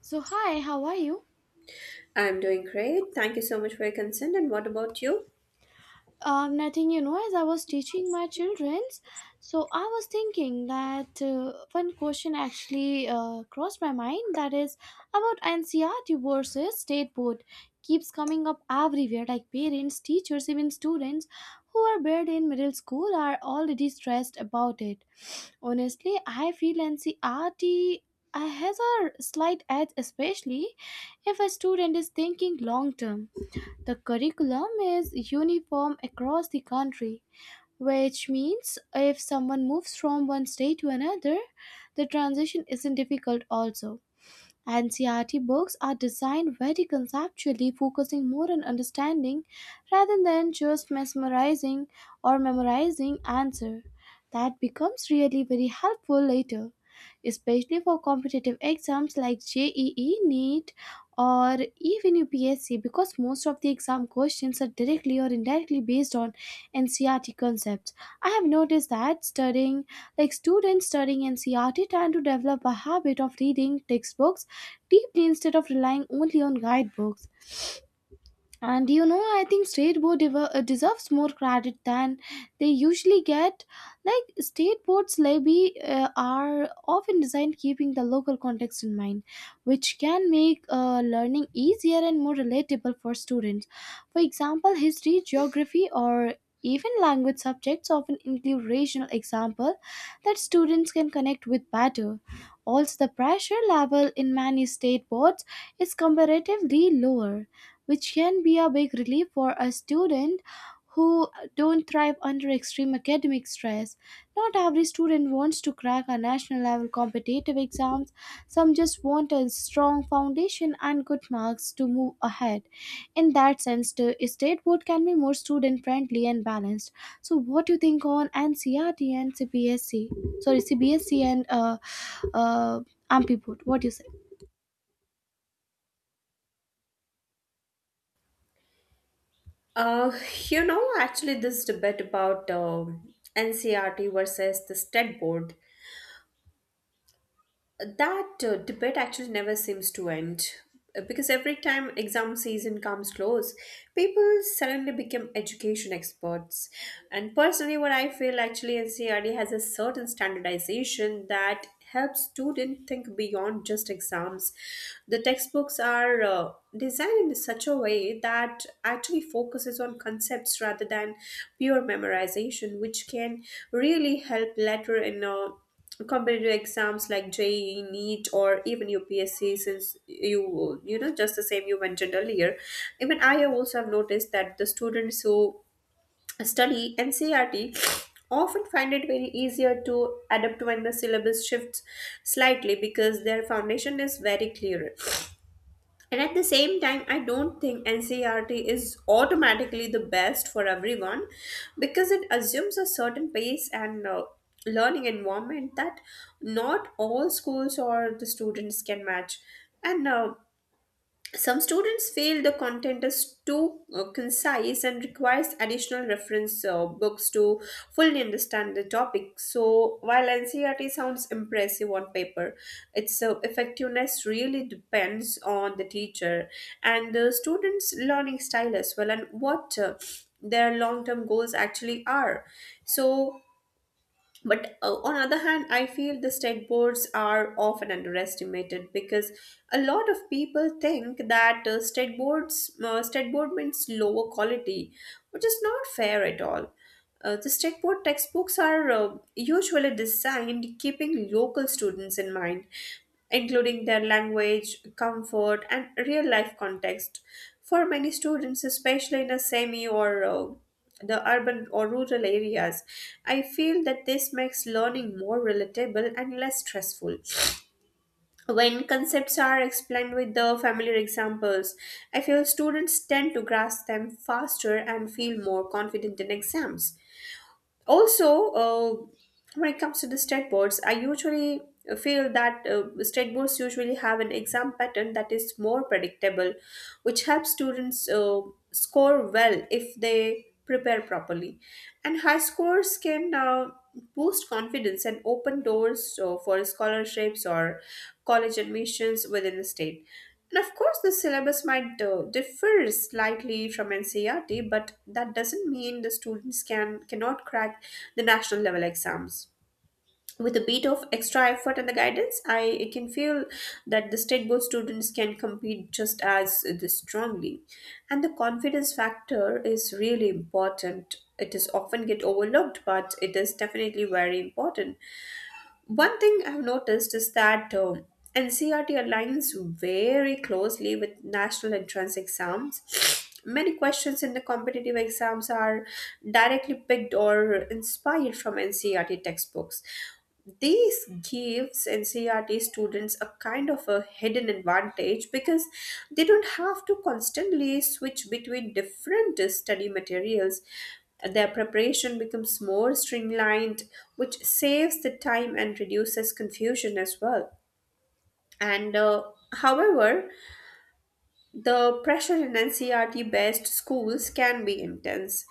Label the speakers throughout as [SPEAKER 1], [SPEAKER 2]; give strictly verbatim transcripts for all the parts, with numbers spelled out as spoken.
[SPEAKER 1] So hi, how are you?
[SPEAKER 2] I'm doing great. Thank you so much for your consent. And what about you?
[SPEAKER 1] Um, nothing, you know, as I was teaching my childrens, so I was thinking that uh, one question actually uh, crossed my mind that is about N C R T versus state board keeps coming up everywhere, like parents, teachers, even students who are bred in middle school are already stressed about it. Honestly, I feel N C R T has a slight edge, especially if a student is thinking long term. The curriculum is uniform across the country, which means if someone moves from one state to another, the transition isn't difficult also. And C R T books are designed very conceptually, focusing more on understanding rather than just mesmerizing or memorizing answer. That becomes really very helpful later, especially for competitive exams like J E E, NEET, or even U P S C, because most of the exam questions are directly or indirectly based on N C R T concepts. I have noticed that studying, like students studying N C R T, tend to develop a habit of reading textbooks deeply instead of relying only on guidebooks. And you know, I think state board dever- uh, deserves more credit than they usually get. Like state boards levy uh, are often designed keeping the local context in mind, which can make uh, learning easier and more relatable for students. For example, history, geography, or even language subjects often include regional example that students can connect with better. Also, the pressure level in many state boards is comparatively lower, which can be a big relief for a student who don't thrive under extreme academic stress. Not every student wants to crack a national level competitive exams. Some just want a strong foundation and good marks to move ahead. In that sense, the state board can be more student friendly and balanced. So, what do you think on N C R T and CBSC? Sorry, CBSC and uh, uh, A M P I board. What do you say?
[SPEAKER 2] Uh, you know, actually, this debate about um N C R T versus the state board, that uh, debate actually never seems to end. Uh, because every time exam season comes close, people suddenly become education experts. And personally, what I feel, actually N C E R T has a certain standardization that helps students think beyond just exams. The textbooks are uh, designed in such a way that actually focuses on concepts rather than pure memorization, which can really help later in a competitive exams like J E E, NEET, or even U P S C, since you you know just the same you mentioned earlier. Even I also have noticed that the students who study N C E R T often find it very easier to adapt when the syllabus shifts slightly because their foundation is very clear. And at the same time, I don't think N C E R T is automatically the best for everyone because it assumes a certain pace and uh, learning environment that not all schools or the students can match. And uh, some students feel the content is too uh, concise and requires additional reference uh, books to fully understand the topic. So, while N C R T sounds impressive on paper, its uh, effectiveness really depends on the teacher and the student's learning style as well, and what uh, their long term goals actually are. So, but uh, on other hand, I feel the state boards are often underestimated because a lot of people think that uh, state boards uh, state board means lower quality, which is not fair at all. Uh, the state board textbooks are uh, usually designed keeping local students in mind, including their language, comfort, and real life context. For many students, especially in a semi or uh, the urban or rural areas. I feel that this makes learning more relatable and less stressful. When concepts are explained with the familiar examples, I feel students tend to grasp them faster and feel more confident in exams also. Uh, when it comes to the state boards, I usually feel that uh, state boards usually have an exam pattern that is more predictable, which helps students uh, score well if they prepare properly, and high scores can uh, boost confidence and open doors uh, for scholarships or college admissions within the state. And of course, the syllabus might uh, differ slightly from N C E R T, but that doesn't mean the students can cannot crack the national level exams. With a bit of extra effort and the guidance, I, I can feel that the state board students can compete just as uh, strongly. And the confidence factor is really important. It is often get overlooked, but it is definitely very important. One thing I've noticed is that uh, N C R T aligns very closely with national entrance exams. Many questions in the competitive exams are directly picked or inspired from N C R T textbooks. This gives N C R T students a kind of a hidden advantage because they don't have to constantly switch between different uh, study materials. Their preparation becomes more streamlined, which saves the time and reduces confusion as well. And uh, however, the pressure in N C R T based schools can be intense.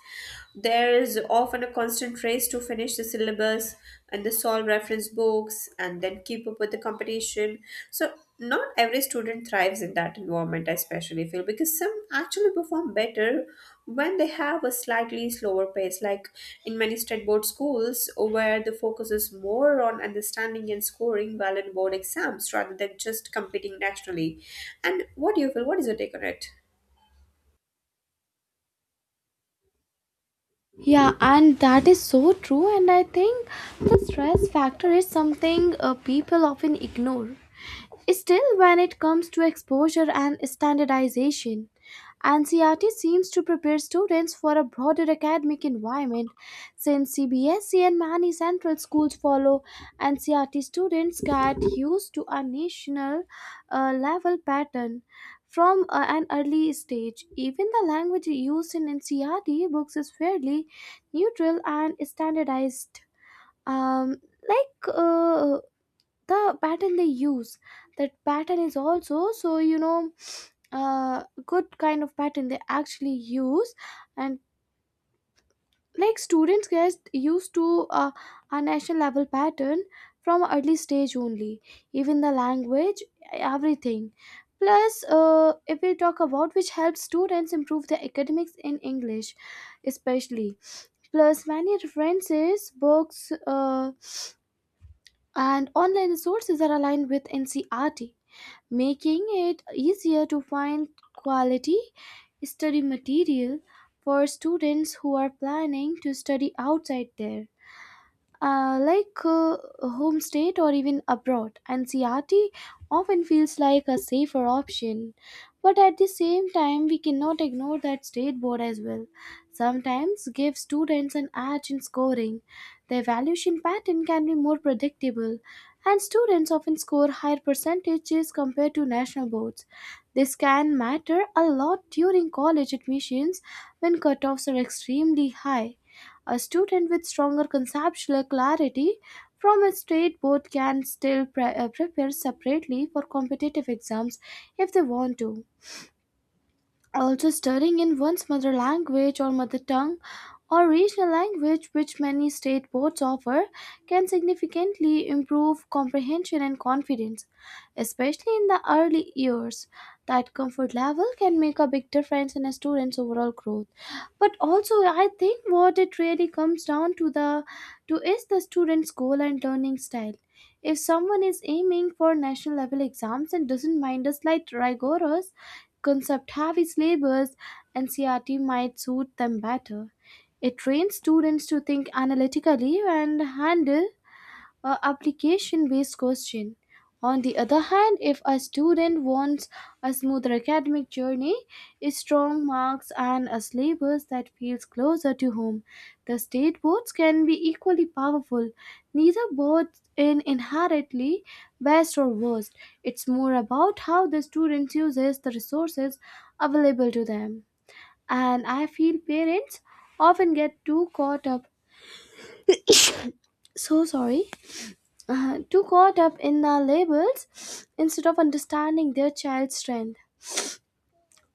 [SPEAKER 2] There is often a constant race to finish the syllabus and the solve reference books and then keep up with the competition. So not every student thrives in that environment, I especially feel, because some actually perform better when they have a slightly slower pace, like in many state board schools where the focus is more on understanding and scoring well in board exams rather than just competing nationally. And what do you feel? What is your take on it?
[SPEAKER 1] Yeah, and that is so true. And I think the stress factor is something uh, people often ignore. Still, when it comes to exposure and standardization, N C R T seems to prepare students for a broader academic environment, since C B S E and many central schools follow N C R T, students get used to a national uh, level pattern from uh, an early stage. Even the language used in N C R T books is fairly neutral and standardized. Um, like uh, the pattern they use, that pattern is also, so you know, uh, good kind of pattern they actually use. And like students get used to uh, a national level pattern from early stage only, even the language, everything. Plus uh, if we talk about, which helps students improve their academics in english, especially. Plus many references books uh, and online resources are aligned with ncrt, making it easier to find quality study material. For students who are planning to study outside there, uh, like uh, home state or even abroad, and C R T often feels like a safer option. But at the same time, we cannot ignore that state board as well sometimes give students an edge in scoring. The evaluation pattern can be more predictable, and students often score higher percentages compared to national boards. This can matter a lot during college admissions when cutoffs are extremely high. A student with stronger conceptual clarity from a state board can still pre- uh, prepare separately for competitive exams if they want to. Also, studying in one's mother language or mother tongue or regional language, which many state boards offer, can significantly improve comprehension and confidence, especially in the early years. That comfort level can make a big difference in a student's overall growth. But also, I think what it really comes down to the to is the student's goal and learning style. If someone is aiming for national level exams and doesn't mind a slight rigorous concept heavy syllabus, N C R T might suit them better. It trains students to think analytically and handle a application-based question. On the other hand, if a student wants a smoother academic journey, strong marks, and a syllabus that feels closer to home, the state boards can be equally powerful. Neither board is inherently best or worst. It's more about how the student uses the resources available to them. And I feel parents often get too caught up. So sorry, uh, too caught up in the labels instead of understanding their child's strength.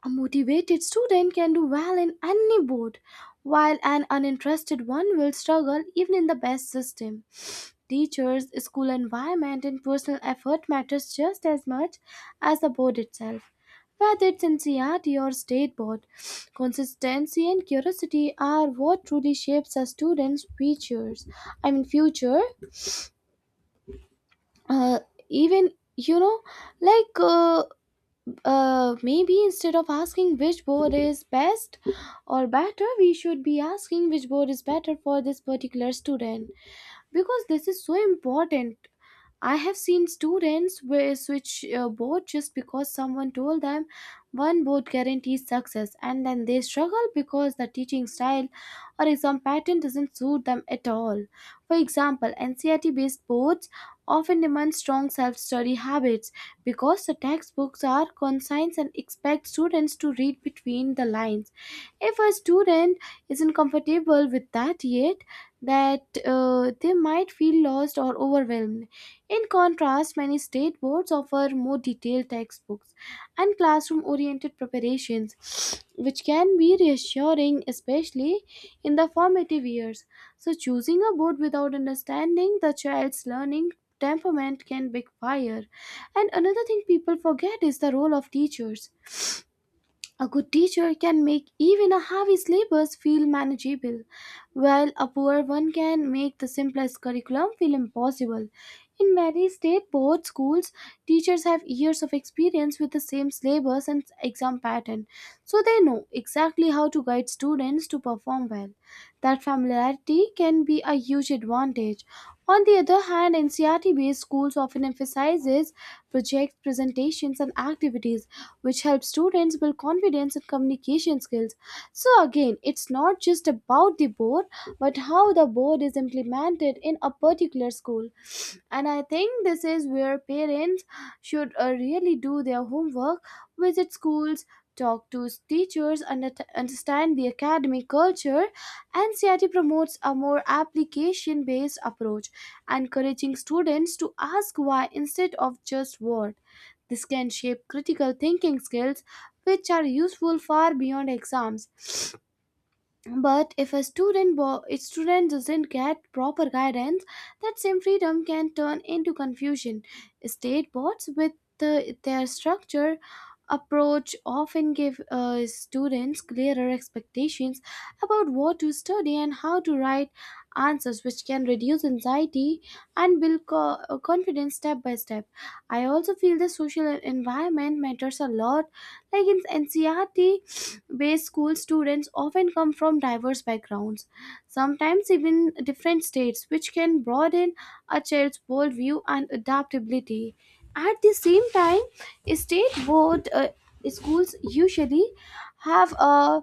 [SPEAKER 1] A motivated student can do well in any board, while an uninterested one will struggle even in the best system. Teachers, school environment, and personal effort matters just as much as the board itself. Whether it's N C R T or state board, consistency and curiosity are what truly shapes a student's futures. I mean future. Uh, even you know like uh, uh, Maybe instead of asking which board is best or better, we should be asking which board is better for this particular student, because this is so important. I have seen students where switch uh, board just because someone told them one board guarantees success, and then they struggle because the teaching style or exam pattern doesn't suit them at all. For example, ncrt based boards often demand strong self-study habits because the textbooks are concise and expect students to read between the lines. If a student isn't comfortable with that yet, that uh, they might feel lost or overwhelmed. In contrast, many state boards offer more detailed textbooks and classroom oriented preparations, which can be reassuring, especially in the formative years. So, choosing a board without understanding the child's learning temperament can backfire. And another thing people forget is the role of teachers. A good teacher can make even a heavy syllabus feel manageable, while a poor one can make the simplest curriculum feel impossible. In many state board schools, teachers have years of experience with the same syllabus and exam pattern, so they know exactly how to guide students to perform well. That familiarity can be a huge advantage. On the other hand, N C R T based schools often emphasizes projects, presentations and activities, which helps students build confidence and communication skills. So, again, it's not just about the board, but how the board is implemented in a particular school. And I think this is where parents should uh, really do their homework, visit schools, talk to teachers, under- understand the academic culture. And C I T promotes a more application based approach, encouraging students to ask why instead of just what. This can shape critical thinking skills which are useful far beyond exams. But if a student bo- a student doesn't get proper guidance, that same freedom can turn into confusion. State boards with the, their structure approach often give uh, students clearer expectations about what to study and how to write answers, which can reduce anxiety and build co- uh, confidence step by step. I also feel the social environment matters a lot. Like in ncrt based school, students often come from diverse backgrounds, sometimes even different states, which can broaden a child's worldview and adaptability. At the same time, state board uh, schools usually have a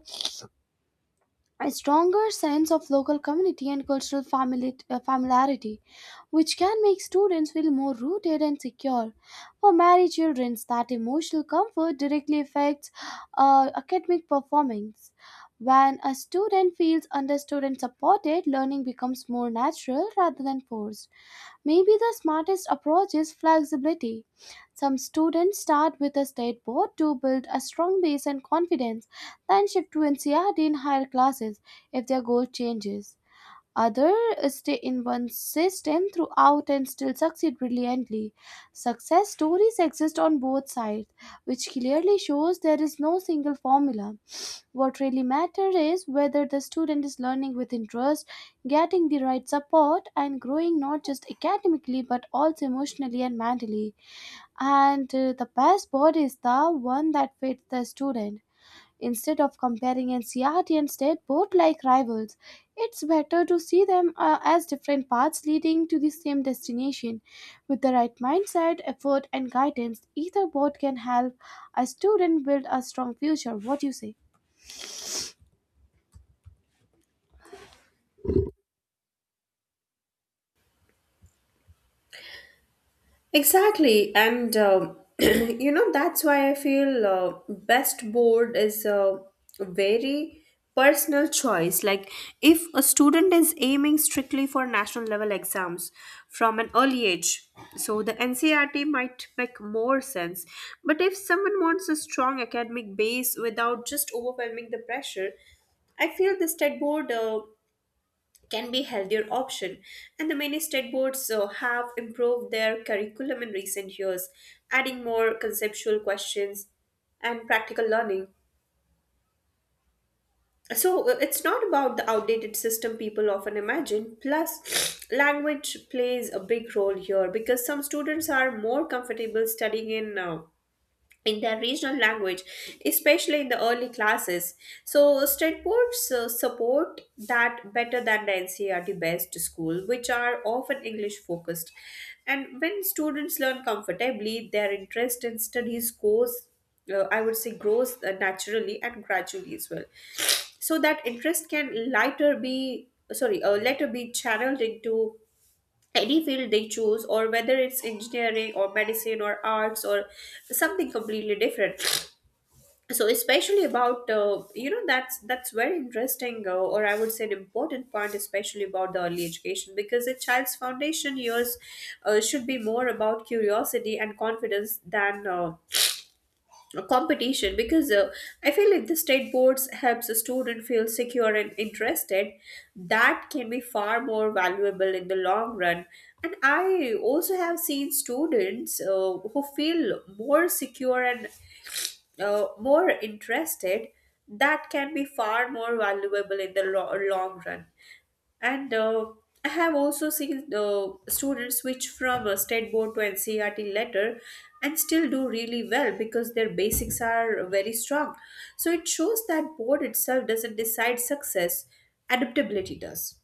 [SPEAKER 1] a stronger sense of local community and cultural famili- uh, familiarity, which can make students feel more rooted and secure. For many children, that emotional comfort directly affects uh, academic performance. When a student feels understood and supported, learning becomes more natural rather than forced. Maybe the smartest approach is flexibility. Some students start with a state board to build a strong base and confidence, then shift to N C R T in higher classes if their goal changes. Others stay in one system throughout and still succeed brilliantly. Success stories exist on both sides, which clearly shows there is no single formula. What really matters is whether the student is learning with interest, getting the right support, and growing not just academically but also emotionally and mentally. And uh, the best board is the one that fits the student. Instead of comparing N C R T and state board like rivals, it's better to see them uh, as different paths leading to the same destination. With the right mindset, effort, and guidance, either board can help a student build a strong future. What do you say?
[SPEAKER 2] Exactly, and um, you know, that's why I feel uh, best board is a very personal choice. Like, if a student is aiming strictly for national level exams from an early age, so the N C E R T might make more sense. But if someone wants a strong academic base without just overwhelming the pressure, I feel the state board Uh, can be healthier option. And the many state boards uh, have improved their curriculum in recent years, adding more conceptual questions and practical learning, so uh, it's not about the outdated system people often imagine. Plus language plays a big role here because some students are more comfortable studying in uh, in their regional language, especially in the early classes. So, state boards uh, support that better than the N C E R T based school, which are often English focused. And when students learn comfortably, their interest in studies goes, uh, I would say, grows uh, naturally and gradually as well. So that interest can later be sorry, uh, later be channeled into any field they choose, or whether it's engineering or medicine or arts or something completely different. So especially about, uh, you know, that's that's very interesting, uh, or I would say an important point, especially about the early education, because a child's foundation years uh, should be more about curiosity and confidence than uh, a competition. Because uh, I feel if the state boards helps a student feel secure and interested, that can be far more valuable in the long run. And I also have seen students uh, who feel more secure and uh, more interested, that can be far more valuable in the lo- long run. And uh, I have also seen the students switch from a state board to N C E R T letter, and still do really well because their basics are very strong. So it shows that board itself doesn't decide success, adaptability does.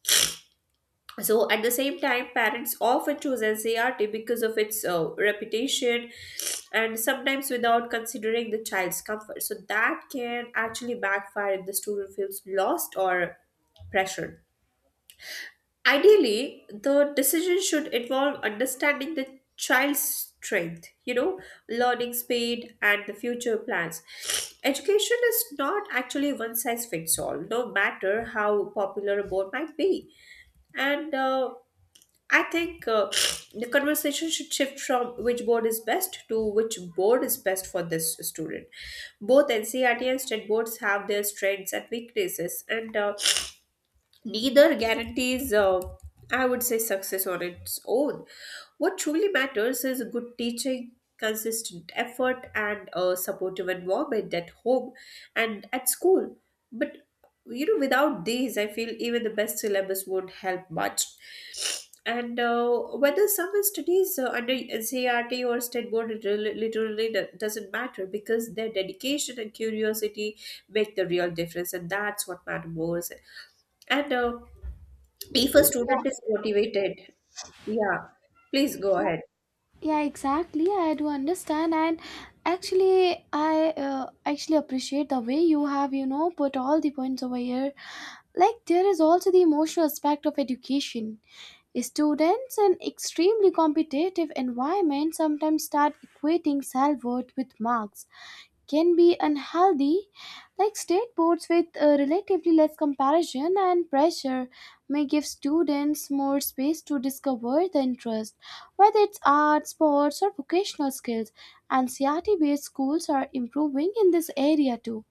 [SPEAKER 2] So at the same time, parents often choose N C E R T because of its uh, reputation, and sometimes without considering the child's comfort. So that can actually backfire if the student feels lost or pressured. Ideally, the decision should involve understanding the child's strength, you know, learning speed and the future plans. Education is not actually one size fits all, no matter how popular a board might be. And uh, I think uh, the conversation should shift from which board is best to which board is best for this student. Both N C E R T and state boards have their strengths and weaknesses, and uh, neither guarantees, uh, I would say, success on its own. What truly matters is good teaching, consistent effort, and a supportive environment at home and at school. But you know, without these, I feel even the best syllabus won't help much. And uh, whether someone studies uh, under N C E R T or state board, it really- literally do- doesn't matter, because their dedication and curiosity make the real difference, and that's what matters most. And uh, if a student is motivated, yeah, please go ahead.
[SPEAKER 1] Yeah, exactly, I do understand. And actually I uh, actually appreciate the way you have, you know, put all the points over here. Like, there is also the emotional aspect of education. Students in extremely competitive environment sometimes start equating self-worth with marks, can be unhealthy. Like state boards with uh, relatively less comparison and pressure may give students more space to discover the interest, whether it's art, sports, or vocational skills. And C R T based schools are improving in this area too.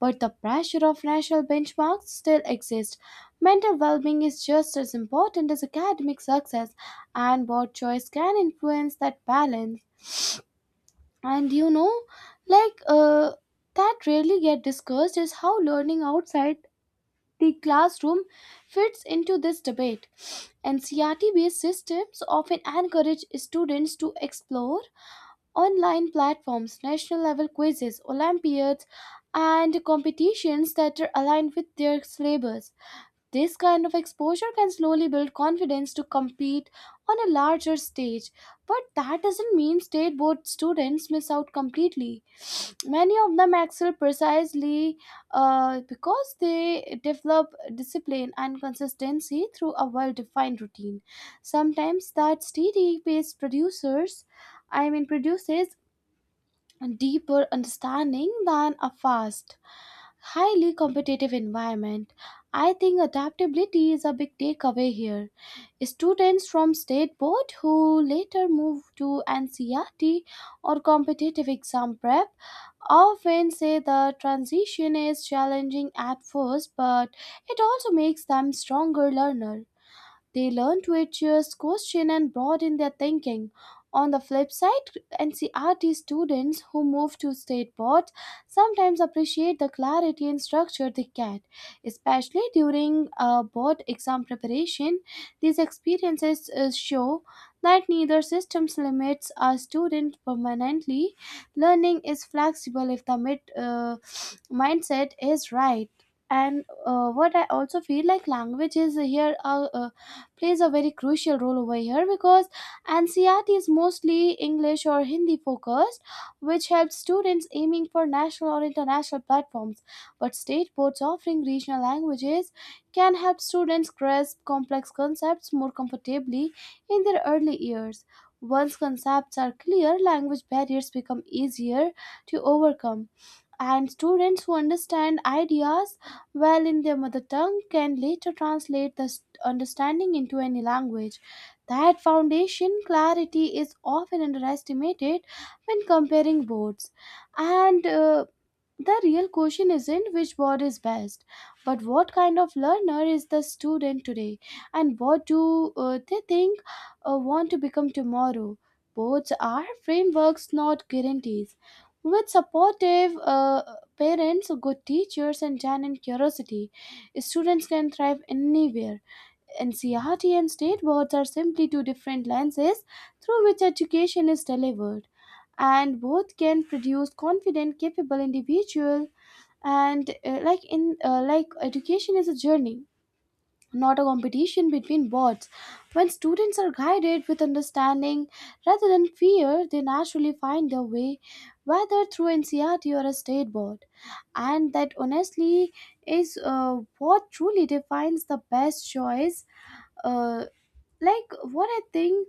[SPEAKER 1] But the pressure of national benchmarks still exists. Mental well being is just as important as academic success, and board choice can influence that balance. And you know like uh, That rarely get discussed is how learning outside the classroom fits into this debate. And CRT based systems often encourage students to explore online platforms, national level quizzes, olympiads, and competitions that are aligned with their syllabus. This kind of exposure can slowly build confidence to compete on a larger stage. But that doesn't mean state board students miss out completely. Many of them excel precisely uh, because they develop discipline and consistency through a well defined routine. Sometimes that steady pace producers, I mean, produces and deeper understanding than a fast, highly competitive environment. I think adaptability is a big takeaway here. Students from state board who later move to N C E R T or competitive exam prep often say the transition is challenging at first, but it also makes them stronger learner. They learn to adjust, question, and broaden their thinking. On the flip side, N C R T students who move to state boards sometimes appreciate the clarity and structure they get, especially during uh, board exam preparation. These experiences uh, show that neither systems limits a student permanently. Learning is flexible if the mid, uh, mindset is right. And uh, What I also feel like language is here a, a plays a very crucial role over here, because N C E R T is mostly English or Hindi focused, which helps students aiming for national or international platforms. But state boards offering regional languages can help students grasp complex concepts more comfortably in their early years. Once concepts are clear, language barriers become easier to overcome, and students who understand ideas well in their mother tongue can later translate the st- understanding into any language. That foundation clarity is often underestimated when comparing boards. And uh, The real question isn't which board is best, but what kind of learner is the student today and what do uh, they think uh, want to become tomorrow. Boards are frameworks, not guarantees. With supportive uh, parents, good teachers, and genuine curiosity, students can thrive anywhere. N C R T and state boards are simply two different lenses through which education is delivered, and both can produce confident, capable individuals. And uh, like in uh, like Education is a journey, not a competition between bots. When students are guided with understanding rather than fear, they naturally find their way, whether through N C R T or a state board. And that honestly is uh, what truly defines the best choice. Uh, like, what I think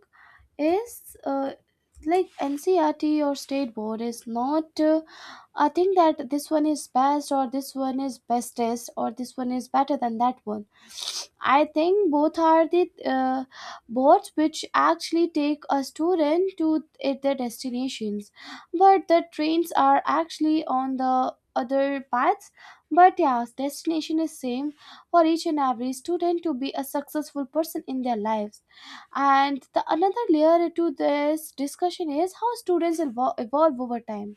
[SPEAKER 1] is. Uh, like N C R T or state board is not uh, I think that this one is best, or this one is bestest, or this one is better than that one. I think both are the uh, boats which actually take a student to th- their destinations, but the trains are actually on the other paths. But yeah, destination is same for each and every student to be a successful person in their lives. And the another layer to this discussion is how students evol- evolve over time.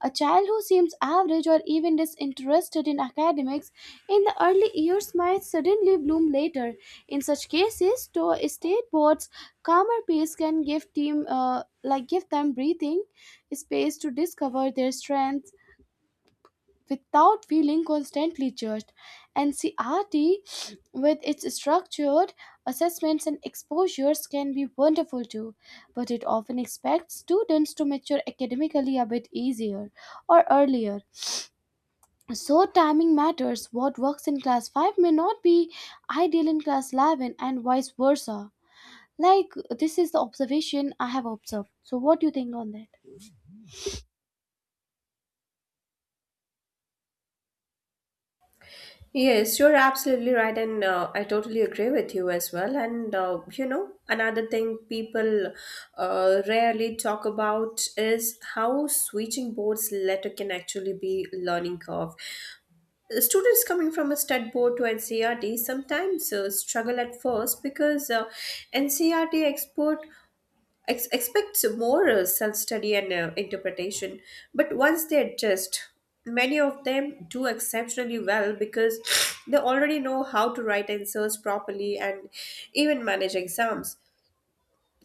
[SPEAKER 1] A child who seems average or even disinterested in academics in the early years might suddenly bloom later. In such cases, to state boards' calmer pace can give team uh, like give them breathing space to discover their strengths without feeling constantly judged. And C R T, with its structured assessments and exposures, can be wonderful too, but it often expects students to mature academically a bit easier or earlier. So, timing matters. What works in class five may not be ideal in class eleven, and vice versa. Like, this is the observation I have observed. So, what do you think on that?
[SPEAKER 2] Yes, you're absolutely right, and uh, I totally agree with you as well. And uh, you know, another thing people uh, rarely talk about is how switching boards later can actually be learning curve. Students coming from a stud board to N C R T sometimes uh, struggle at first because uh, N C R T expert ex- expects more uh, self-study and uh, interpretation. But once they adjust, many of them do exceptionally well because they already know how to write answers properly and even manage exams.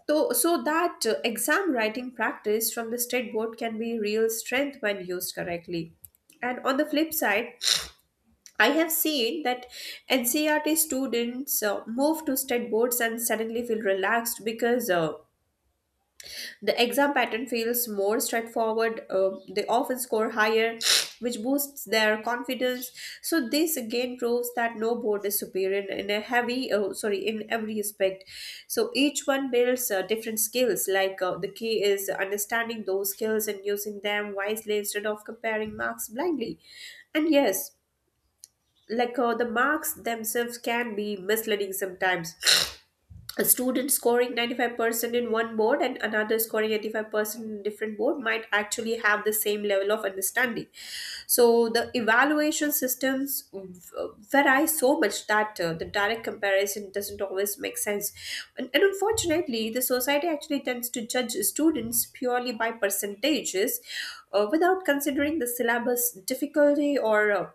[SPEAKER 2] So, so that uh, exam writing practice from the state board can be real strength when used correctly. And on the flip side, I have seen that N C E R T students uh, move to state boards and suddenly feel relaxed because uh, the exam pattern feels more straightforward. Uh, they often score higher, which boosts their confidence. So this again proves that no board is superior in a heavy, uh, sorry, in every aspect. So each one builds uh, different skills. Like, uh, the key is understanding those skills and using them wisely instead of comparing marks blindly. And yes, like, uh, the marks themselves can be misleading sometimes. A student scoring ninety-five percent in one board and another scoring eighty-five percent in different board might actually have the same level of understanding. So the evaluation systems v- vary so much that uh, the direct comparison doesn't always make sense. And, and unfortunately, the society actually tends to judge students purely by percentages, uh, without considering the syllabus difficulty or uh,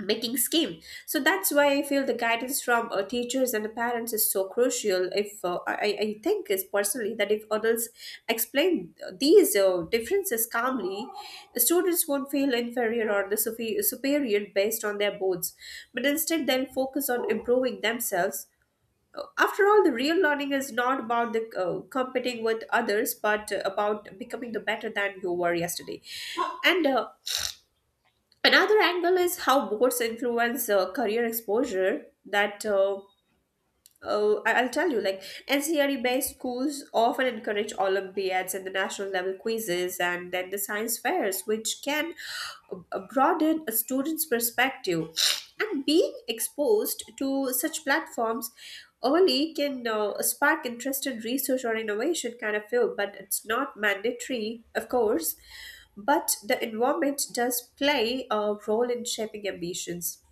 [SPEAKER 2] making scheme. So that's why I feel the guidance from uh, teachers and the parents is so crucial. If uh, I, I think is personally that if adults explain these uh, differences calmly, the students won't feel inferior or the sufe- superior based on their boards, but instead they'll focus on improving themselves. Uh, after all, the real learning is not about the uh, competing with others, but uh, about becoming the better than you were yesterday. And uh, another angle is how boards influence uh, career exposure. That uh, Oh, I- I'll tell you, like, N C E R E-based schools often encourage Olympiads and the national level quizzes and then the science fairs, which can uh, broaden a student's perspective. And being exposed to such platforms early can uh, spark interest in research or innovation, kind of feel, but it's not mandatory, of course. But the environment does play a role in shaping ambitions,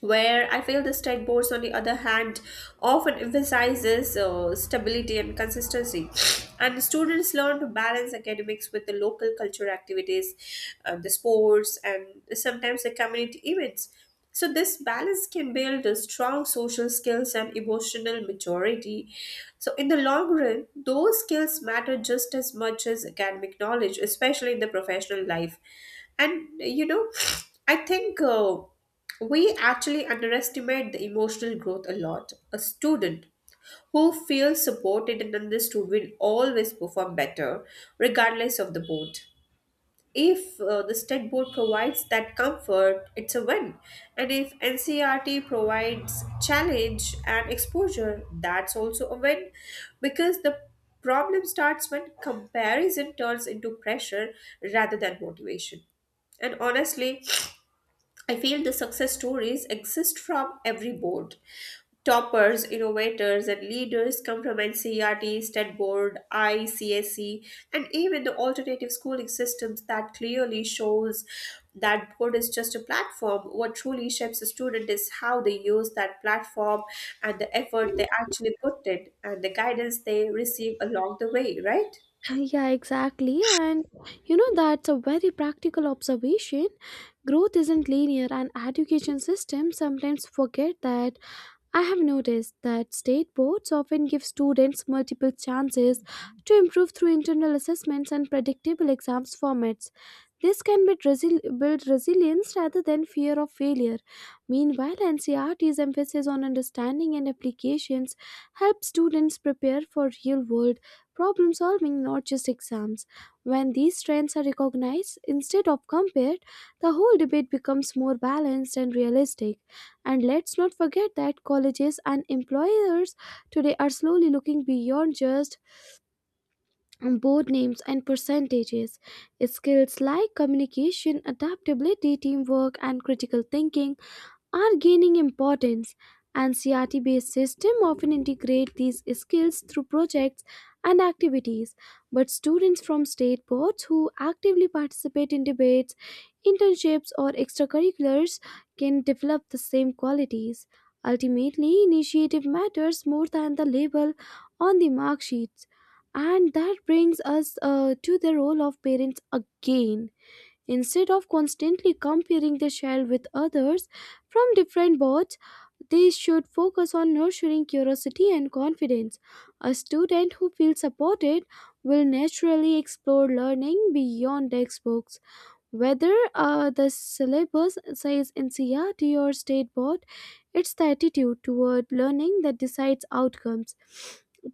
[SPEAKER 2] where I feel the state boards, on the other hand, often emphasizes uh, stability and consistency. And students learn to balance academics with the local cultural activities, uh, the sports, and sometimes the community events. So, this balance can build a strong social skills and emotional maturity. So, in the long run, those skills matter just as much as academic knowledge, especially in the professional life. And, you know, I think. Uh, we actually underestimate the emotional growth a lot. A student who feels supported and understood will always perform better, regardless of the board. If uh, the state board provides that comfort, it's a win. And if N C R T provides challenge and exposure, that's also a win, because the problem starts when comparison turns into pressure rather than motivation. And honestly, I feel the success stories exist from every board. Toppers, innovators, and leaders come from N C E R T, S T E D Board, I C S E, and even the alternative schooling systems. That clearly shows that board is just a platform. What truly shapes a student is how they use that platform and the effort they actually put in and the guidance they receive along the way, right?
[SPEAKER 1] Yeah, exactly. And you know, that's a very practical observation. Growth isn't linear, and education systems sometimes forget that. I have noticed that state boards often give students multiple chances to improve through internal assessments and predictable exams formats. This can be resi- build resilience rather than fear of failure. Meanwhile, N C R T's emphasis on understanding and applications helps students prepare for real world problem solving, not just exams. When these strengths are recognized instead of compared, the whole debate becomes more balanced and realistic. And let's not forget that colleges and employers today are slowly looking beyond just board names and percentages. Skills like communication, adaptability, teamwork, and critical thinking are gaining importance, and C R T based system often integrate these skills through projects and activities. But students from state boards who actively participate in debates, internships, or extracurriculars can develop the same qualities. Ultimately initiative matters more than the label on the mark sheets. And that brings us uh, to the role of parents again. Instead of constantly comparing the child with others from different boards, they should focus on nurturing curiosity and confidence. A student who feels supported will naturally explore learning beyond textbooks. Whether uh, the syllabus says N C R T or state board, it's the attitude toward learning that decides outcomes.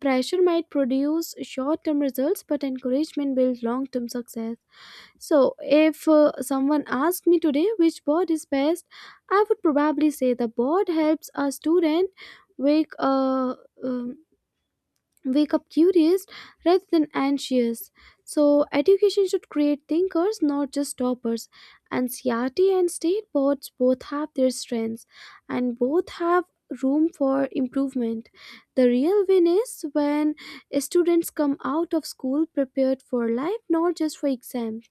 [SPEAKER 1] Pressure might produce short term results, but encouragement builds long term success. So, if uh, someone asked me today which board is best, I would probably say the board helps a student wake uh, um, wake up curious rather than anxious. So, education should create thinkers, not just toppers. And C R T and state boards both have their strengths, and both have room for improvement. The real win is when students come out of school prepared for life, not just for exams.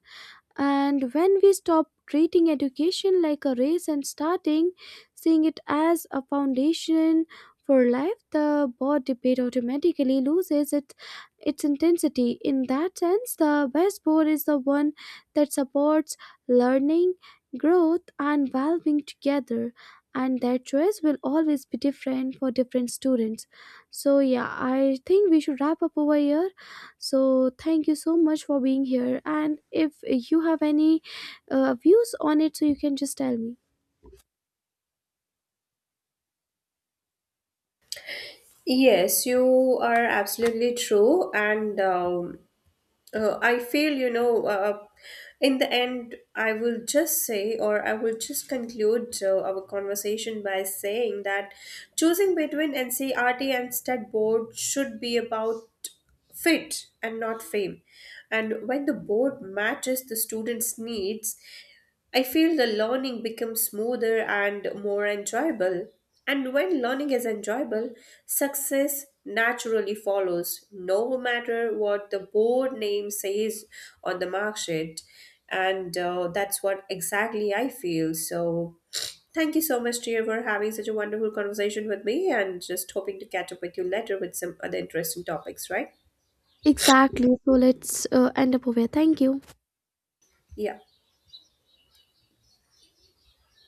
[SPEAKER 1] And when we stop treating education like a race and starting seeing it as a foundation for life, the board debate automatically loses its, its intensity. In that sense, the best board is the one that supports learning, growth, and well being together. And that choice will always be different for different students. So, yeah, I think we should wrap up over here. So, thank you so much for being here. And if you have any uh, views on it, so you can just tell me.
[SPEAKER 2] Yes, you are absolutely true. And um, uh, I feel, you know, uh, in the end, I will just say, or I will just conclude uh, our conversation by saying that choosing between N C R T and state board should be about fit and not fame. And when the board matches the students' needs, I feel the learning becomes smoother and more enjoyable. And when learning is enjoyable, success naturally follows, no matter what the board name says on the mark sheet. And uh, that's what exactly I feel. So, thank you so much, dear, for having such a wonderful conversation with me, and just hoping to catch up with you later with some other interesting topics, right?
[SPEAKER 1] Exactly. So, let's uh, end up over here. Thank you.
[SPEAKER 2] Yeah.